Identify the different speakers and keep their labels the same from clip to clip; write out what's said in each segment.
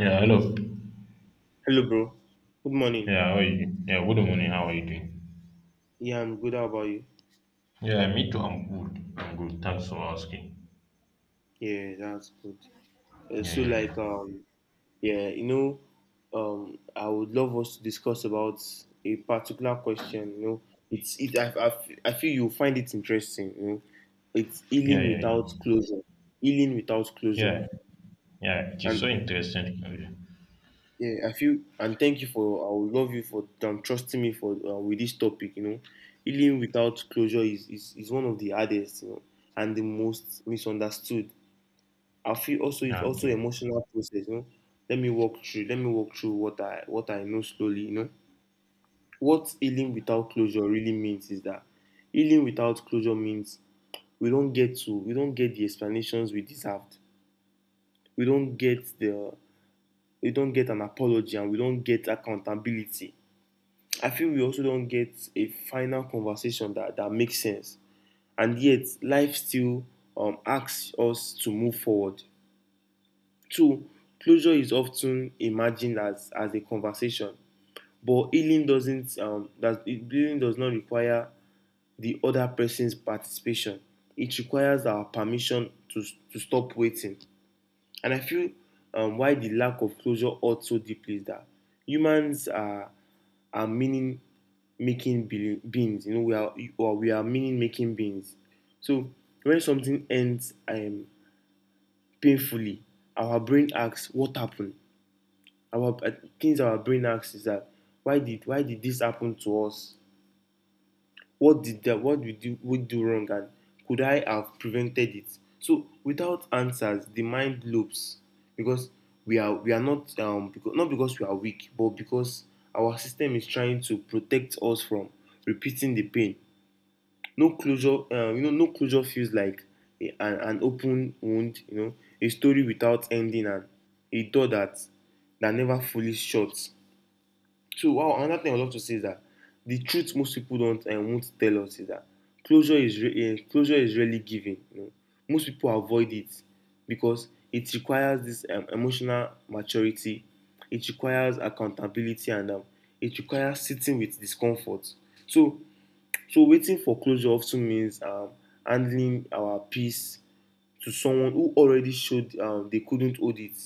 Speaker 1: Yeah, hello.
Speaker 2: Hello, bro. Good morning.
Speaker 1: Yeah, how are you? Yeah, good morning. How are you doing?
Speaker 2: Yeah, I'm good. How about you?
Speaker 1: Yeah, me too. I'm good. I'm good. Thanks for asking.
Speaker 2: Yeah, that's good. Uh,
Speaker 1: Yeah,
Speaker 2: so,
Speaker 1: yeah, yeah.
Speaker 2: like, um, yeah, you know, I would love us to discuss about a particular question. It's it. I, f- I feel you'll find it interesting. It's
Speaker 1: Yeah,
Speaker 2: healing
Speaker 1: yeah,
Speaker 2: without closure. Healing without closure.
Speaker 1: yeah. Yeah, yeah. It is
Speaker 2: And
Speaker 1: so interesting.
Speaker 2: yeah, I feel and thank you for. I would love you for trusting me for with this topic. Healing without closure is one of the hardest. And the most misunderstood, I feel. Also it's
Speaker 1: Yeah,
Speaker 2: also
Speaker 1: okay.
Speaker 2: emotional process, you know. Let me walk through what I know slowly, you know. What healing without closure really means is that healing without closure means we don't get the explanations we deserved. We don't get the we don't get an apology and we don't get accountability. I feel we also don't get a final conversation that makes sense. And yet life still asks us to move forward. Two, closure is often imagined as a conversation, but healing does not require the other person's participation. It requires our permission to stop waiting. And I feel, why the lack of closure hurts so deeply is that humans are meaning making beings. We are, or we are meaning making beings. So when something ends, painfully, our brain asks, "What happened?" our uh, our brain asks is that, why did this happen to us? What did that what did we do wrong? And could I have prevented it? So without answers the mind loops, because we are not, not because we are weak, but because our system is trying to protect us from repeating the pain. No closure, no closure feels like an open wound, you know, a story without ending, and a door that never fully shuts. So, wow, another thing I would love to say is that the truth most people don't and won't tell us is that closure is rarely given. You know? Most people avoid it because it requires this, emotional maturity, it requires accountability, and, it requires sitting with discomfort. So, so waiting for closure often means, handling our peace to someone who already showed, they couldn't hold it.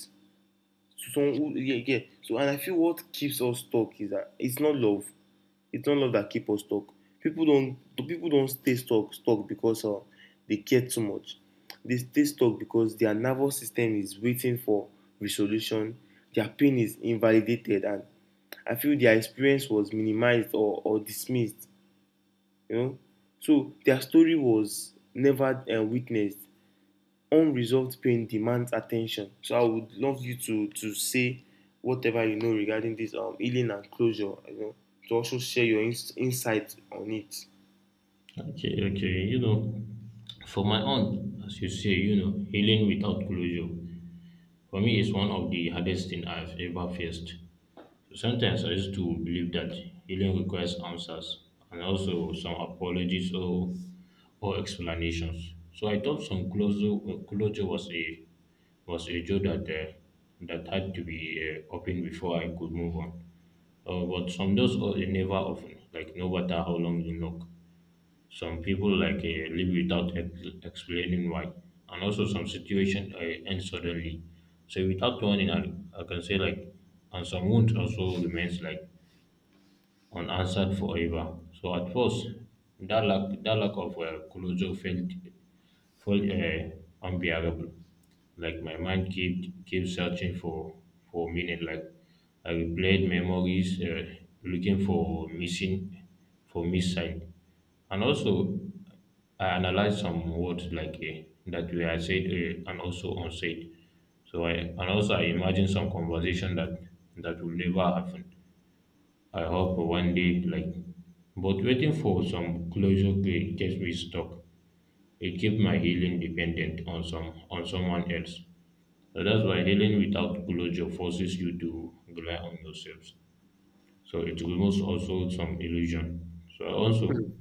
Speaker 2: To some who, yeah, yeah. So, and I feel what keeps us stuck is that it's not love, that keep us stuck. people don't People don't stay stuck because, they care too much. They stay stuck because their nervous system is waiting for resolution. Their pain is invalidated, and I feel their experience was minimized or dismissed, you know. So their story was never, witnessed. Unresolved pain demands attention. So I would love you to say whatever you know regarding this, healing and closure. You know, to also share your insight on it.
Speaker 1: Okay, okay. You know, for my own, as you say, you know, healing without closure, for me is one of the hardest thing I've ever faced. Sometimes I used to believe that healing requires answers and also some apologies or explanations. So I thought some closure, closure was a door that that had to be opened before I could move on. But some doors are never open, like no matter how long you knock. Some people like leave without explaining why, and also some situation end suddenly. So without warning, I can say like, and some wounds also remains like unanswered forever. So at first, that lack of closure felt feel unbearable. Like my mind keep searching for meaning. Like I replayed memories, looking for missing, and also I analyzed some words like that were said and also unsaid. So I and also I imagine some conversation that will never happen. I hope one day like, but waiting for some closure gets me stuck, it keeps my healing dependent on some on someone else. So that's why healing without closure forces you to rely on yourself. So it removes also some illusion. So
Speaker 2: Mm.
Speaker 1: also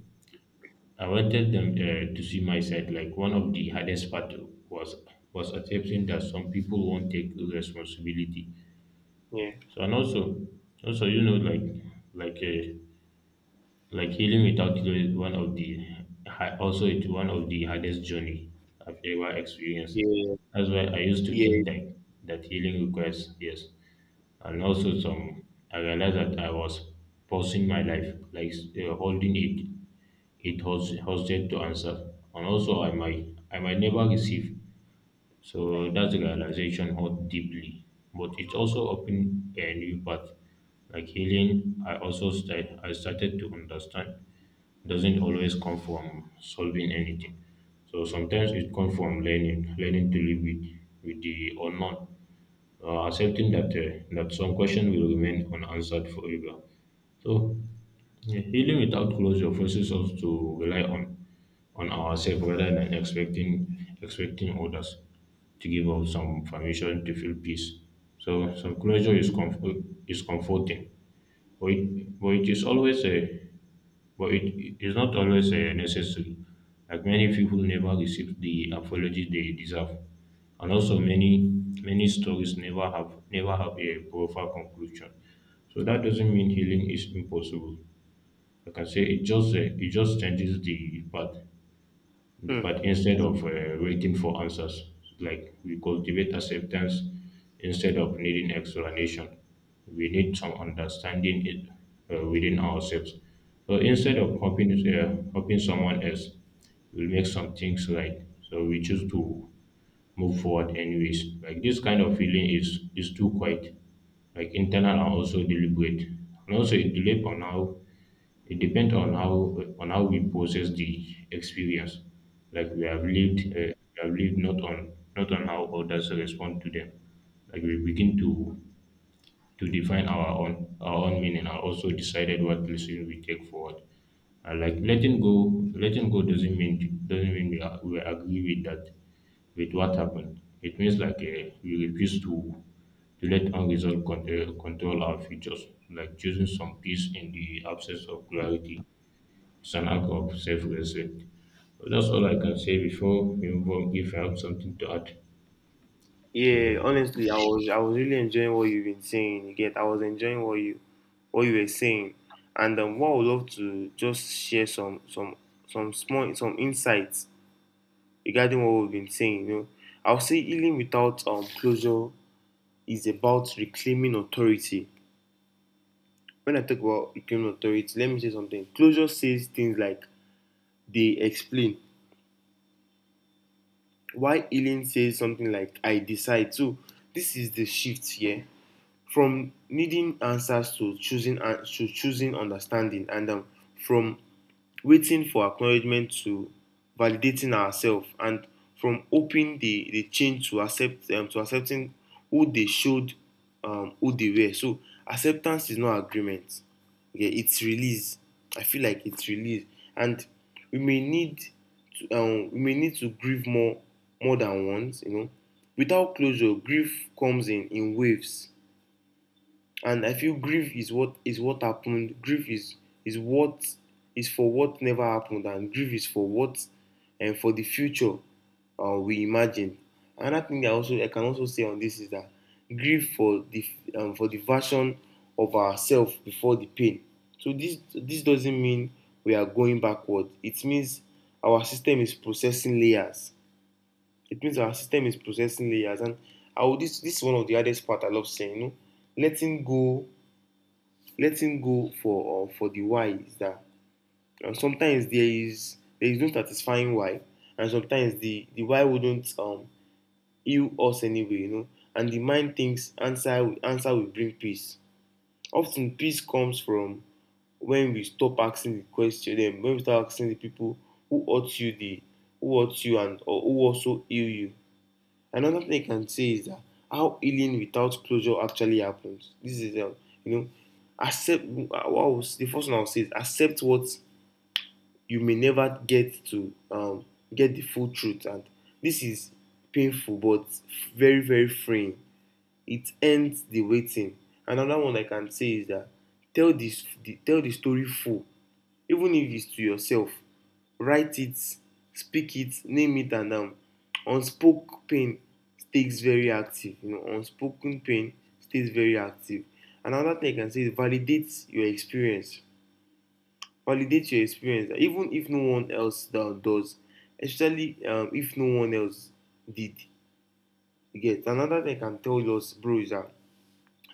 Speaker 1: I wanted them to see my side. Like one of the hardest part was accepting that some people won't take responsibility.
Speaker 2: Yeah,
Speaker 1: So and also also you know like like uh, like healing without cure is one of the also it's one of the hardest journey I've ever experienced.
Speaker 2: yeah,
Speaker 1: That's why I used to
Speaker 2: yeah.
Speaker 1: think that healing requires yes, and also some I realized that I was pausing my life like holding it, it was hosted to answer, and also I might never receive so that realization hurt deeply, but it also opened a new path. Like healing, I started to understand doesn't always come from solving anything. So sometimes it comes from learning, learning to live with the unknown, accepting that that some questions will remain unanswered forever. So yeah, healing without closure forces us to rely on ourselves rather than expecting others to give us some permission to feel peace. So some closure is comfort is comforting, but it is always a but it is not always necessary, like many people never receive the apology they deserve, and also many stories never have a proper conclusion. So that doesn't mean healing is impossible. Like I say, it just changes the path.
Speaker 2: Mm.
Speaker 1: But instead of waiting for answers, like we cultivate acceptance instead of needing explanation. We need some understanding it, within ourselves. So instead of hoping, hoping someone else will make some things right, so we choose to move forward anyways. Like this kind of feeling is too quiet, like internal and also deliberate, and also it depends on how on how we process the experience. Like we have lived, not on how others respond to them. Like we begin to define our own meaning and also decided what lesson we take forward. And like letting go doesn't mean we, are, we agree with that with what happened. It means like we refuse to let unresolved control our futures, like choosing some peace in the absence of clarity, it's an act of self respect. That's all I can say before we move on if I have something to add.
Speaker 2: Yeah,
Speaker 1: Yeah,
Speaker 2: honestly, I was really enjoying what you've been saying. You get, I was enjoying what you were saying, and, what I would love to just share some, some small some insights regarding what we've been saying. You know, I'll say healing without closure is about reclaiming authority. When I talk about reclaiming authority, let me say something. Closure says things like, they explain. Why Eileen says something like, I decide. So this is the shift here, from needing answers to choosing an to choosing understanding, and, from waiting for acknowledgement to validating ourselves, and from hoping they change to accepting who they showed, who they were. So acceptance is not agreement, okay, it's release. I feel like it's release. And we may need we may need to grieve more, more than once, you know. Without closure grief comes in, waves. And I feel grief is what happened. Grief is what is for what never happened. And grief is for what, and for the future we imagine. Another thing I also, I can also say on this is that grief for the, for the version of ourselves before the pain. So this doesn't mean we are going backward. It means our system is processing layers. It means our system is processing layers And I would, this is one of the hardest part I love saying, you know. Letting go, letting go for, for the why, is that, sometimes there is no satisfying why, and sometimes the why wouldn't, heal us anyway, you know. And the mind thinks answer will bring peace. Often peace comes from when we stop asking the question, then when we start asking the people who hurt you the who hurt you, and or who also heal you. Another thing I can say is that how healing without closure actually happens. This is, you know, accept. I will, the first one I'll say is, accept what you may never get to, get the full truth, and this is painful, but very, very freeing. It ends the waiting. Another one I can say is that, tell the story full, even if its to yourself. Write it, speak it, name it. And, unspoken pain stays very active. You know, unspoken pain stays very active. Another thing I can say is, validate your experience. Validate your experience even if no one else does, especially, if no one else did. You get another thing I can tell us, bro, is that,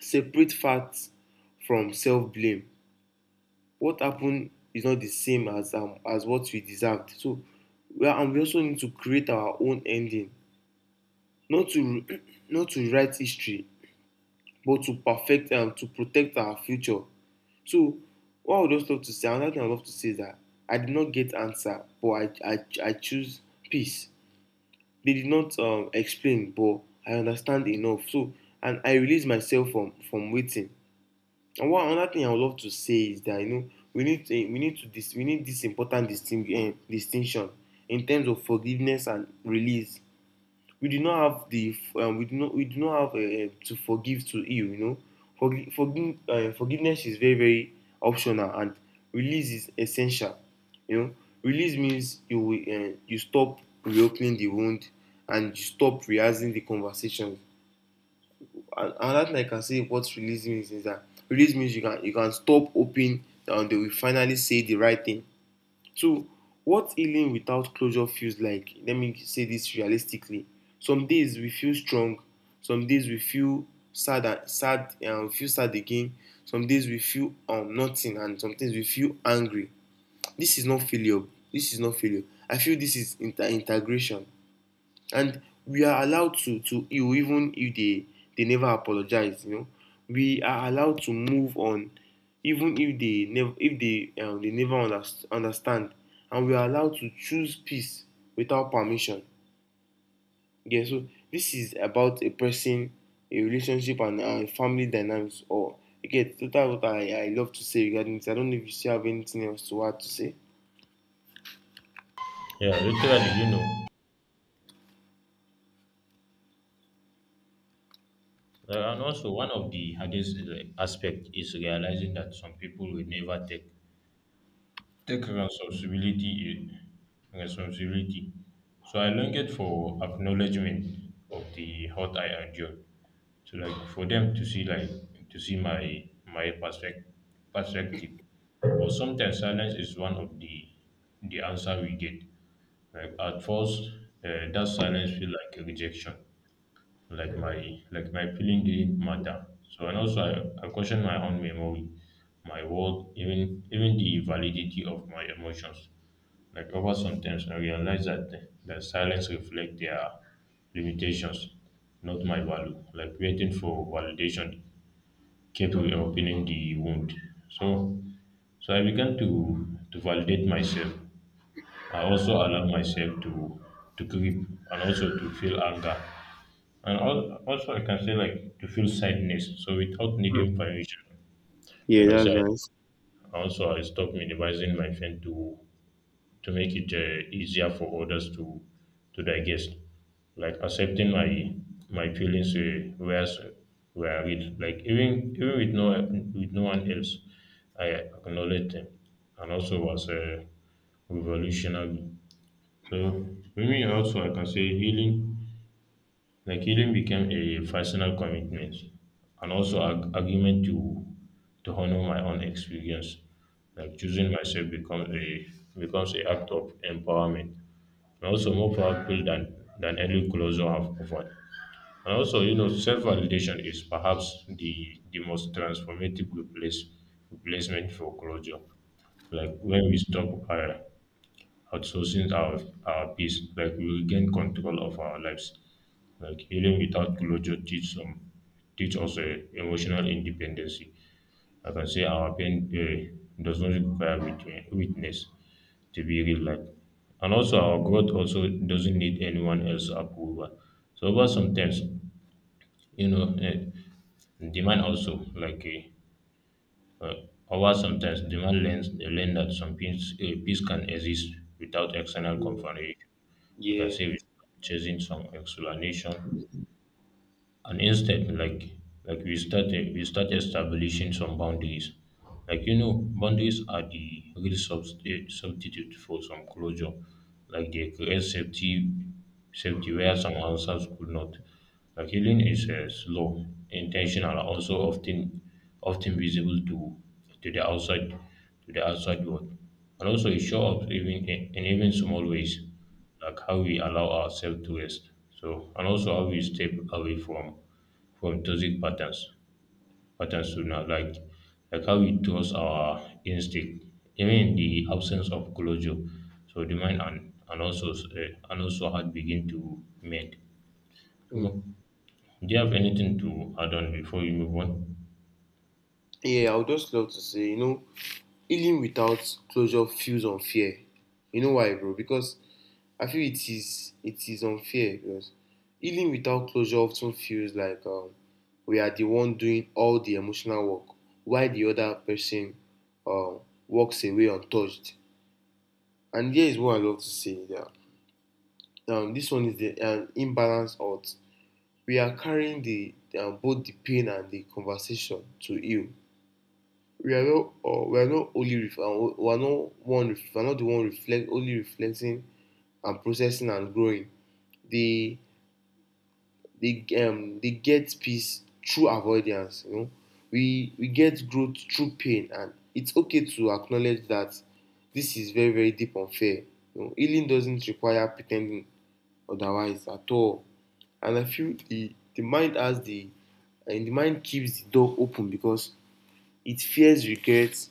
Speaker 2: separate facts from self blame. What happened is not the same as, as what we deserved. So we are, and we also need to create our own ending, not to not to write history, but to perfect, and, to protect our future. So what I would just love to say, another thing I would love to say is that, I did not get answer, but I choose peace. They did not, explain, but I understand enough. So, and I release myself from, waiting. And one, another thing I would love to say is that, you know, we need this important distinction in terms of forgiveness and release. We do not have the, we do not have, to forgive to heal. You know, forgiveness is very, very optional, and release is essential. You know, release means you stop reopening the wound, and you stop rehearsing the conversation. And another thing I can say what release means is that, release means you can stop hoping and they will finally say the right thing. Two, what healing without closure feels like. Let me say this realistically. Some days we feel strong, some days we feel sad, and we feel sad again. Some days we feel, nothing, and sometimes we feel angry. This is not failure. This is not failure. I feel this is integration. And we are allowed to heal even if they, they never apologize, you know. We are allowed to move on even if they never, if they they never understand. And we are allowed to choose peace without permission. Yeah, so this is about a person, a relationship, and, family dynamics. Or okay. So that's what I love to say regarding this. I don't know if you still have anything else to add to say.
Speaker 1: yeah literally, you know. And also, one of the hardest aspect is realizing that some people will never take responsibility. Responsibility. So I longed for acknowledgement of the hurt I endured. So like for them to see like to see my perspective perspective. But sometimes silence is one of the answer we get. Like at first, that silence feel like a rejection. Like my feeling didn't matter. So and also I question my own memory, my world, even the validity of my emotions, like over some times I realize that that silence reflect their limitations, not my value. Like waiting for validation kept reopening the wound. So so I began to validate myself. I also allow myself to grieve and also to feel anger. Also I can say like to feel sadness. So without
Speaker 2: Mm.
Speaker 1: needing permission, I
Speaker 2: Yeah,
Speaker 1: can
Speaker 2: that's
Speaker 1: say
Speaker 2: nice.
Speaker 1: I also I stopped minimizing my pain to make it easier for others to digest. Like accepting my feelings where with like even with no one else, I acknowledge them, and also was revolutionary. So for me also I can say healing like healing became a personal commitment and also an argument to honor my own experience. Like choosing myself becomes a act of empowerment and also more powerful than any closure have offered. And also, you know, self-validation is perhaps the most transformative replace, replacement for closure. Like when we stop outsourcing our peace, like we regain control of our lives. Like healing without closure teach some teach us emotional independence. I can say our pain does not require witness to be real-life. And also, our growth also doesn't need anyone else's approval. So, over sometimes, you know, demand also like uh, uh, over sometimes demand learns learn that some peace peace can exist without external
Speaker 2: Yeah,
Speaker 1: confrontation. You can
Speaker 2: yeah.
Speaker 1: say without chasing some explanation and instead like we started we start establishing some boundaries, like you know, boundaries are the real substitute for some closure, like they create safety, safety where some answers could not. Like healing is slow, intentional and also often visible to to the outside to the outside world, and also it shows up even in even small ways, like how we allow ourselves to rest. So and also how we step away from toxic patterns to not like how we trust our instinct even in the absence of closure. So the mind and and also heart begin to mend.
Speaker 2: Mm.
Speaker 1: So do you have anything to add on before we move on?
Speaker 2: Yeah, I would just love to say, you know, healing without closure feels unfair. You know why, bro? Because I feel it is unfair because healing without closure often feels like, we are the one doing all the emotional work, while the other person, um, walks away untouched. And here is what I love to say: that, this one is the, imbalance out. We are carrying the, both the pain and the conversation to heal. We are not, we are not only we are not the one reflect only reflecting, and processing, and growing. They, they get peace through avoidance. You know, we, get growth through pain, and it's okay to acknowledge that this is very, very deep unfair. You know, healing doesn't require pretending otherwise at all. And I feel the mind has the, and the mind keeps the door open because it fears regrets.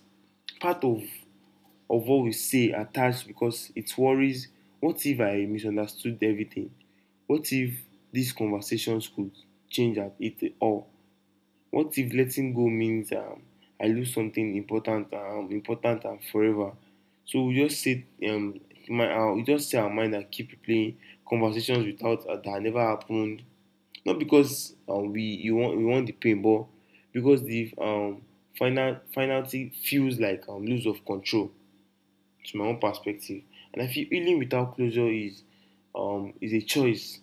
Speaker 2: Part of what we say attached because it worries, what if I misunderstood everything? What if these conversations could change at it all? What if letting go means I lose something important, important and forever? So we just sit, we just say our mind and keep playing conversations without that never happened. Not because we want the pain, but because the final finality feels like lose of control to my own perspective. And I feel healing without closure is a choice.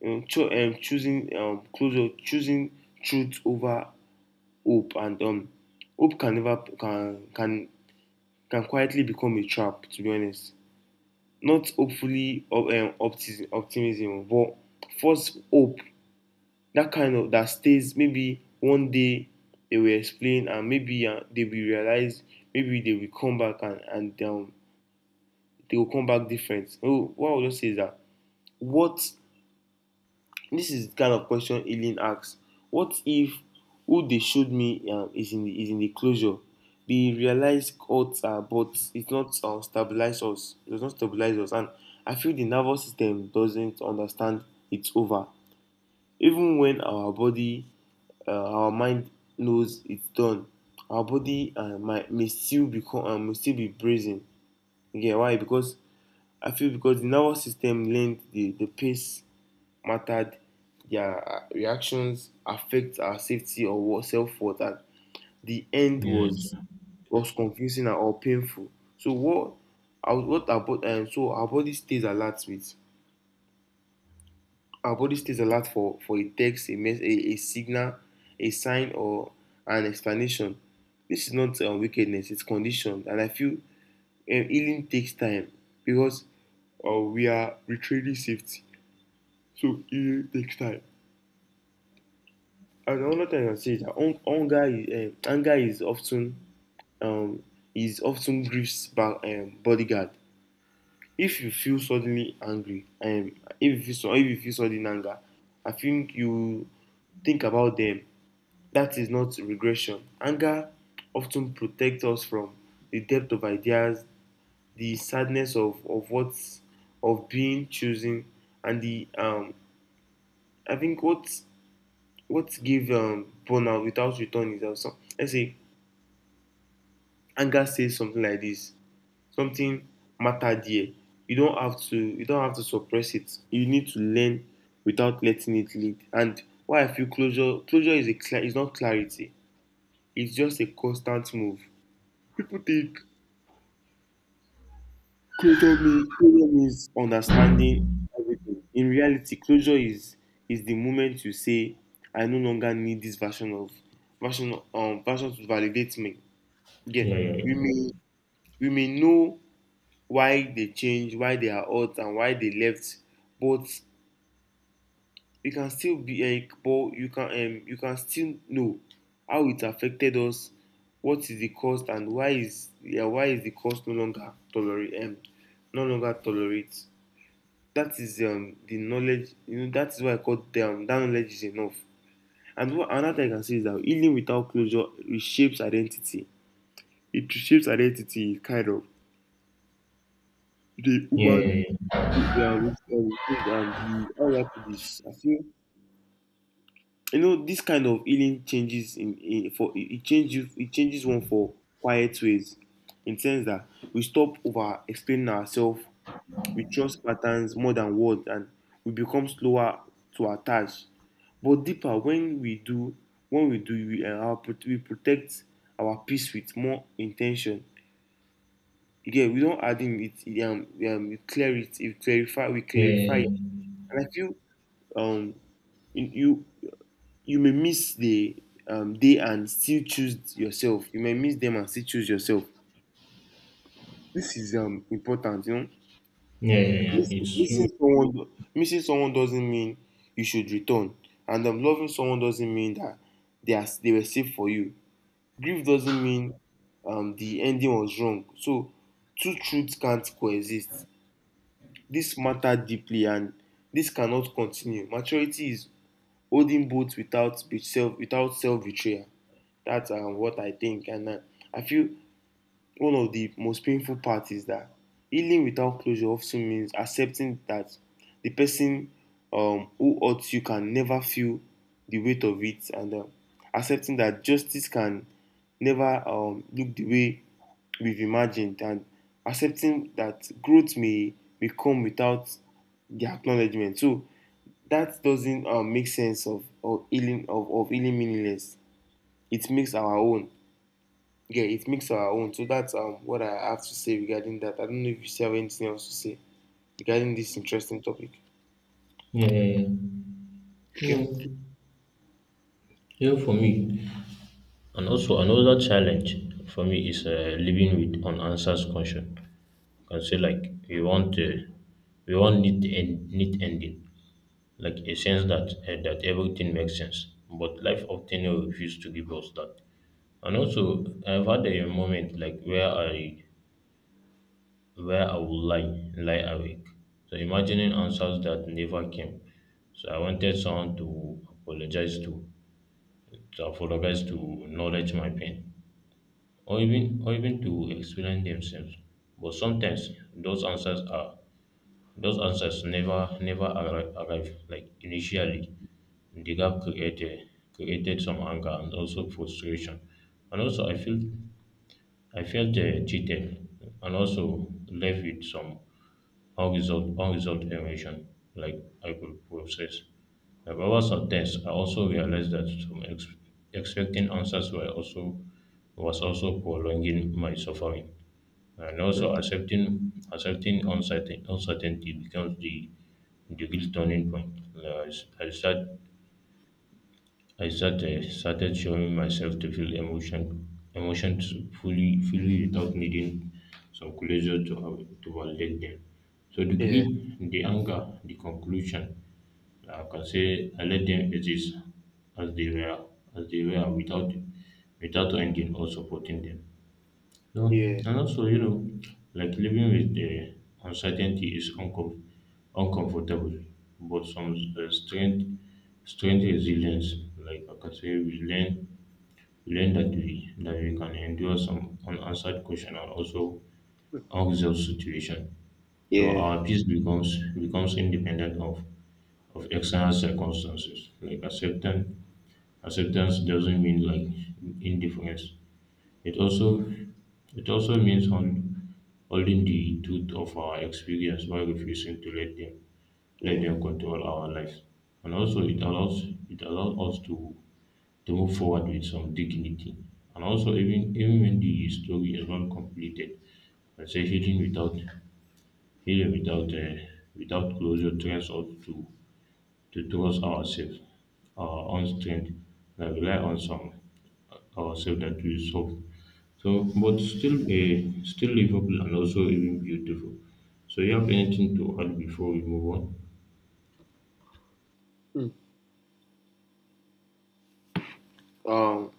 Speaker 2: You know, choosing closure, choosing truth over hope, and hope can never can quietly become a trap. To be honest, not hopefully optimism, but false hope. That kind of that stays. Maybe one day they will explain, and maybe they will realize. Maybe they will come back and they will come back different. Oh, what I would just say is that what this is the kind of question Aileen asks. What if who they showed me is is in the closure? They realize cuts are, but it's not stabilize us. It does not stabilize us, and I feel the nervous system doesn't understand it's over. Even when our our mind knows it's done, our body might may still become may still be brazen. Yeah, why? Because I feel because the nervous system learned the pace mattered. Their reactions affect our safety or self worth. And the end was
Speaker 1: Yeah,
Speaker 2: was confusing and or painful. So what our body so our body stays alert with our body stays alert for a text, a mess, a signal, a sign or an explanation. This is not wickedness; it's conditioned, and I feel healing takes time because we are retraining safety. So it takes time. And another thing I can say is that anger, anger is often um, grief's bodyguard. If you feel suddenly angry, if you feel sudden anger, I think you think about them. That is not regression. Anger often protects us from the depth of ideas, the sadness of what's of being chosen, and the I think what give burnout without return is that some, let's say anger says something like this. Something mattered here. You don't have to suppress it. You need to learn without letting it lead. And why I feel closure is a cla is not clarity. It's just a constant move. People think closure means understanding everything. In reality, closure is the moment you say, I no longer need this version of version to validate me. Yeah,
Speaker 1: yeah, yeah,
Speaker 2: we may know why they changed, why they are out, and why they left, but you can still know how it affected us, what is the cost, and why is yeah, why is the cost no longer tolerate no longer tolerate. That is the knowledge, you know, that is why I call them that knowledge is enough. And what another thing I can say is that healing without closure reshapes identity. It reshapes identity kind of the
Speaker 1: yeah, yeah,
Speaker 2: human
Speaker 1: yeah, yeah,
Speaker 2: we are on this thing and the how will I put this? I feel you know this kind of healing changes in for it it changes one for quiet ways, in sense that we stop over explaining ourselves, we trust patterns more than words, and we become slower to attach. But deeper when we do we, we protect our peace with more intention. Yeah, we don't add in it. We clear it. We clarify. We
Speaker 1: yeah,
Speaker 2: clarify
Speaker 1: yeah,
Speaker 2: it. And I feel um you may miss the day and still choose yourself. You may miss them and still choose yourself. This is important, you know.
Speaker 1: yeah, yeah, yeah. It's true.
Speaker 2: Missing someone, doesn't mean you should return, and loving someone doesn't mean that they were safe for you. Grief doesn't mean the ending was wrong. So two truths can't coexist. This matter deeply, and this cannot continue. Maturity is holding both without self without self betrayal. That's what I think, and I feel one of the most painful parts is that healing without closure of means accepting that the person who hurts you can never feel the weight of it, and accepting that justice can never look the way we've imagined, and accepting that growth may come without the acknowledgement. So that doesn't make sense of of healing meaningless. It makes our own. Yeah, it makes our own. So that's what I have to say regarding that. I don't know if you have anything else to say regarding this interesting topic.
Speaker 1: Yeah, yeah, yeah. You
Speaker 2: Okay.
Speaker 1: know, yeah, for me. And also another challenge for me is living with unanswered question. I can say like we want uh, we want neat end, neat ending, like a sense that that everything makes sense. But life often refuses to give us that. And also I've had a moment like where I would lie awake. So imagining answers that never came. So I wanted someone to apologize to acknowledge my pain or even to explain themselves. But sometimes those answers are those answers never arrive, arrive like initially. The gap created some anger and also frustration, and also I feel I felt cheated and also left with some unresolved emotion like I could process. Like over some tests, I also realized that expecting answers were also was also prolonging my suffering. And
Speaker 2: Mm.
Speaker 1: also accepting uncertainty becomes the real turning point. I started showing myself to feel emotion emotions fully without needing some closure to validate them. So the
Speaker 2: Yeah.
Speaker 1: grief, the anger, the conclusion, like I can say I let them exist as they were without ending or supporting them. No,
Speaker 2: Yeah.
Speaker 1: and also, you know, like living with the uncertainty is uncomfortable, but some strength resilience. Like I can say, we learn that we can endure some unanswered question and also unresolved situation. So
Speaker 2: Yeah.
Speaker 1: our peace becomes independent of external circumstances. Like acceptance, acceptance doesn't mean like indifference. It also means on holding the truth of our experience while refusing to let them
Speaker 2: Yeah.
Speaker 1: control our lives. And also it allows us to move forward with some dignity. And also even when the story is not completed, I say healing without healing without uh, without closure trains us to trust ourselves, our own strength, and rely on some ourselves that we solve, so, but still, still livable and also even beautiful. So, you have anything to add before we move on?
Speaker 2: Mm. Um,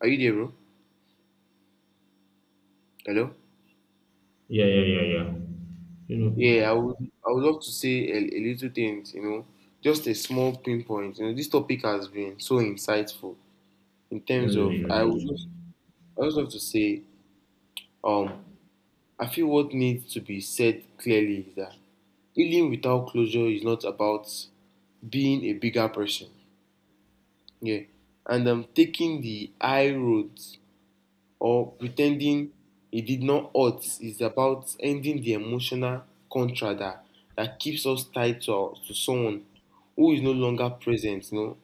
Speaker 2: are you there, bro? Hello.
Speaker 1: Yeah, yeah, yeah, yeah. You know,
Speaker 2: Yeah, I would. I would love to say a little things. You know, just a small pinpoint. You know, this topic has been so insightful in
Speaker 1: yeah,
Speaker 2: terms
Speaker 1: yeah,
Speaker 2: of.
Speaker 1: yeah,
Speaker 2: I would.
Speaker 1: that's
Speaker 2: I would love to say um I feel what needs to be said clearly is that healing without closure is not about being a bigger person. Yeah. And taking the high road or pretending it did not hurt is about ending the emotional contract that keeps us tied to someone who is no longer present, you know,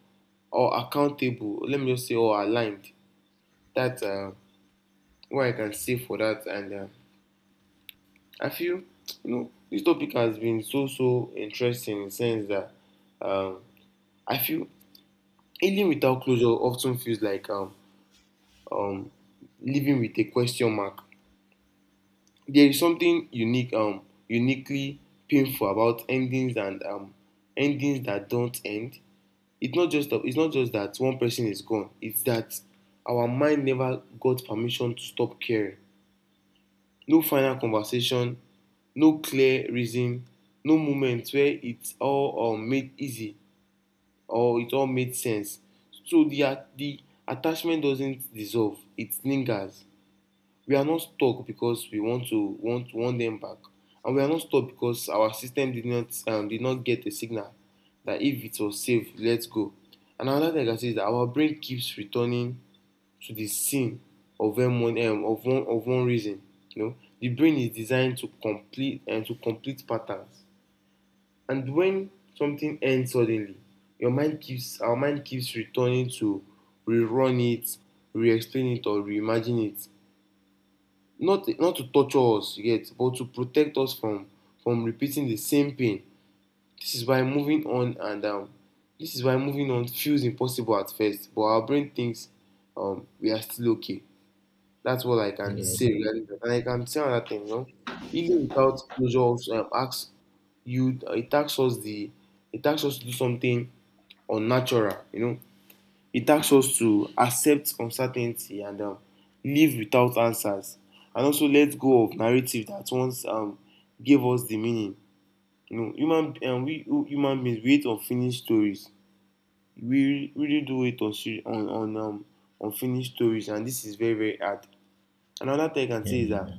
Speaker 2: or accountable. Let me just say, or aligned. That's what I can say for that. And I feel you know this topic has been so so interesting in the sense that um, I feel healing without closure often feels like um, living with a question mark. There is something unique, uniquely painful about endings and endings that don't end. It's not just that one person is gone. It's that our mind never got permission to stop caring. No final conversation, no clear reason, no moment where it all made easy or it all made sense. So the attachment doesn't dissolve, it lingers. We are not stuck because we want to want want them back, and we are not stuck because our system did not get a signal that if it was safe let go. And another thing I can say is that our brain keeps returning to the scene of one of one of one reason. You know, the brain is designed to complete and to complete patterns. And when something ends suddenly, your mind keeps our mind keeps returning to rerun it, re-explain it, or reimagine it. Not to torture us yet, but to protect us from repeating the same pain. This is why moving on and um, this is why moving on feels impossible at first, but our brain thinks we are still okay. That's what I can
Speaker 1: yeah,
Speaker 2: say
Speaker 1: yeah,
Speaker 2: regarding that. And I can say another thing, you know, even without closure, also, it asks it asks us to do something unnatural, you know. It asks us to accept uncertainty and live without answers, and also let go of narrative that once gave us the meaning. You know, human beings we hate unfinished stories. We really do it on unfinished stories, and this is very very hard. Another thing I can say is
Speaker 1: yeah,
Speaker 2: that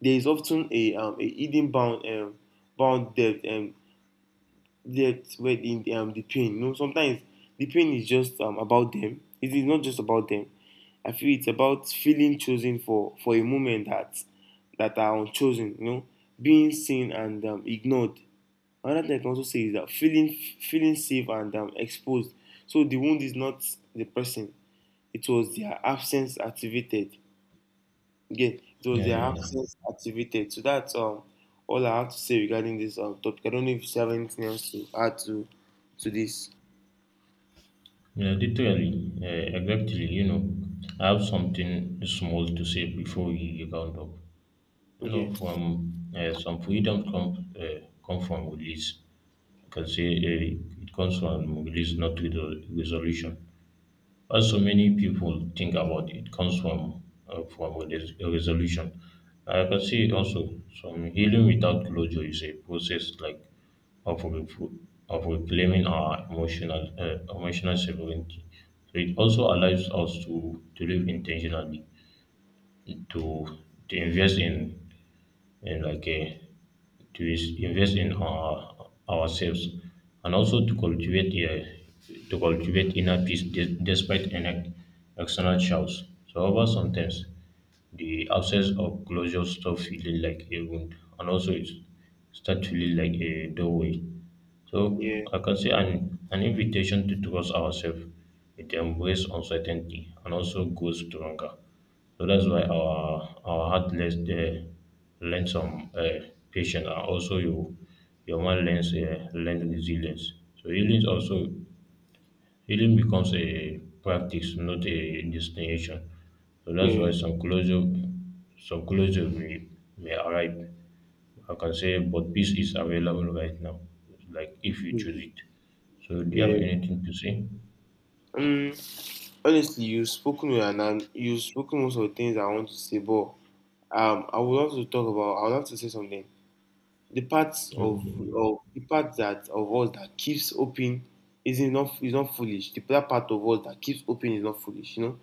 Speaker 2: there is often a hidden bound bound depth and depth within the pain. You know, sometimes the pain is just about them. It is not just about them. I feel it's about feeling chosen for a moment that are unchosen. You know, being seen and ignored. Another thing I can also say is that feeling safe and exposed. So the wound is not the person; it was their absence activated. Yeah, it was
Speaker 1: yeah,
Speaker 2: their
Speaker 1: yeah.
Speaker 2: absence activated. So that's all I have to say regarding this topic. I don't know if you have anything else to add to this.
Speaker 1: Yeah, literally, yeah, exactly. You know, I have something small to say before we round up. You
Speaker 2: Okay.
Speaker 1: know, from some freedom come from release. I can say it comes from release, not with resolution. Also, many people think about it comes from a a resolution. I can see also some healing without closure is a process like of refo- of reclaiming our emotional emotional sovereignty. So it also allows us to live intentionally, to invest in in like a invest in our, ourselves and also to cultivate to cultivate inner peace despite an external shouts. So however, sometimes the absence of closure stop feeling like a wound and also it start feeling like a doorway, so
Speaker 2: Yeah.
Speaker 1: I can say an invitation to trust ourselves, it embrace uncertainty and also grows stronger. So that's why our heart learns learn some patience, and also your mind learns learn resilience. So healing also, healing becomes a practice, not a destination. So that's why
Speaker 2: Yeah.
Speaker 1: some closure may arrive. I can say, but peace is available right now, like if you choose
Speaker 2: Mm.
Speaker 1: it. So, do you have
Speaker 2: Yeah.
Speaker 1: anything to say?
Speaker 2: Um. Honestly, you've spoken with and you've spoken most of the things I want to say, but I would love to talk about. I would love to say something. The parts
Speaker 1: Okay.
Speaker 2: of the part that of us that keeps open is not foolish. The that part of us that keeps open is not foolish. You know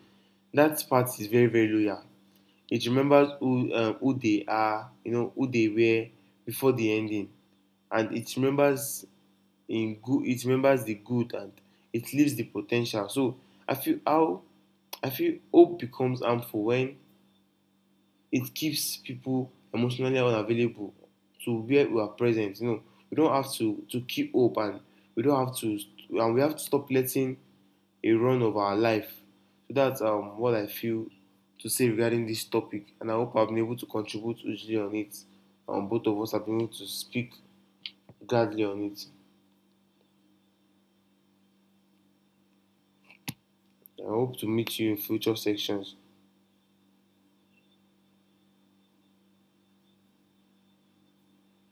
Speaker 2: that part is very very loyal. It remembers who they are, you know, who they were before the ending, and it remembers in good. It remembers the good and it leaves the potential. So I feel how I feel hope becomes harmful when it keeps people emotionally unavailable to where we are present. You know, we don't have to keep hope, and we don't have to, and we have to stop letting a run of our life. So that's what I feel to say regarding this topic, and I hope I've been able to contribute hugely on it. Both of us have been able to speak gladly on it. I hope to meet you in future sections.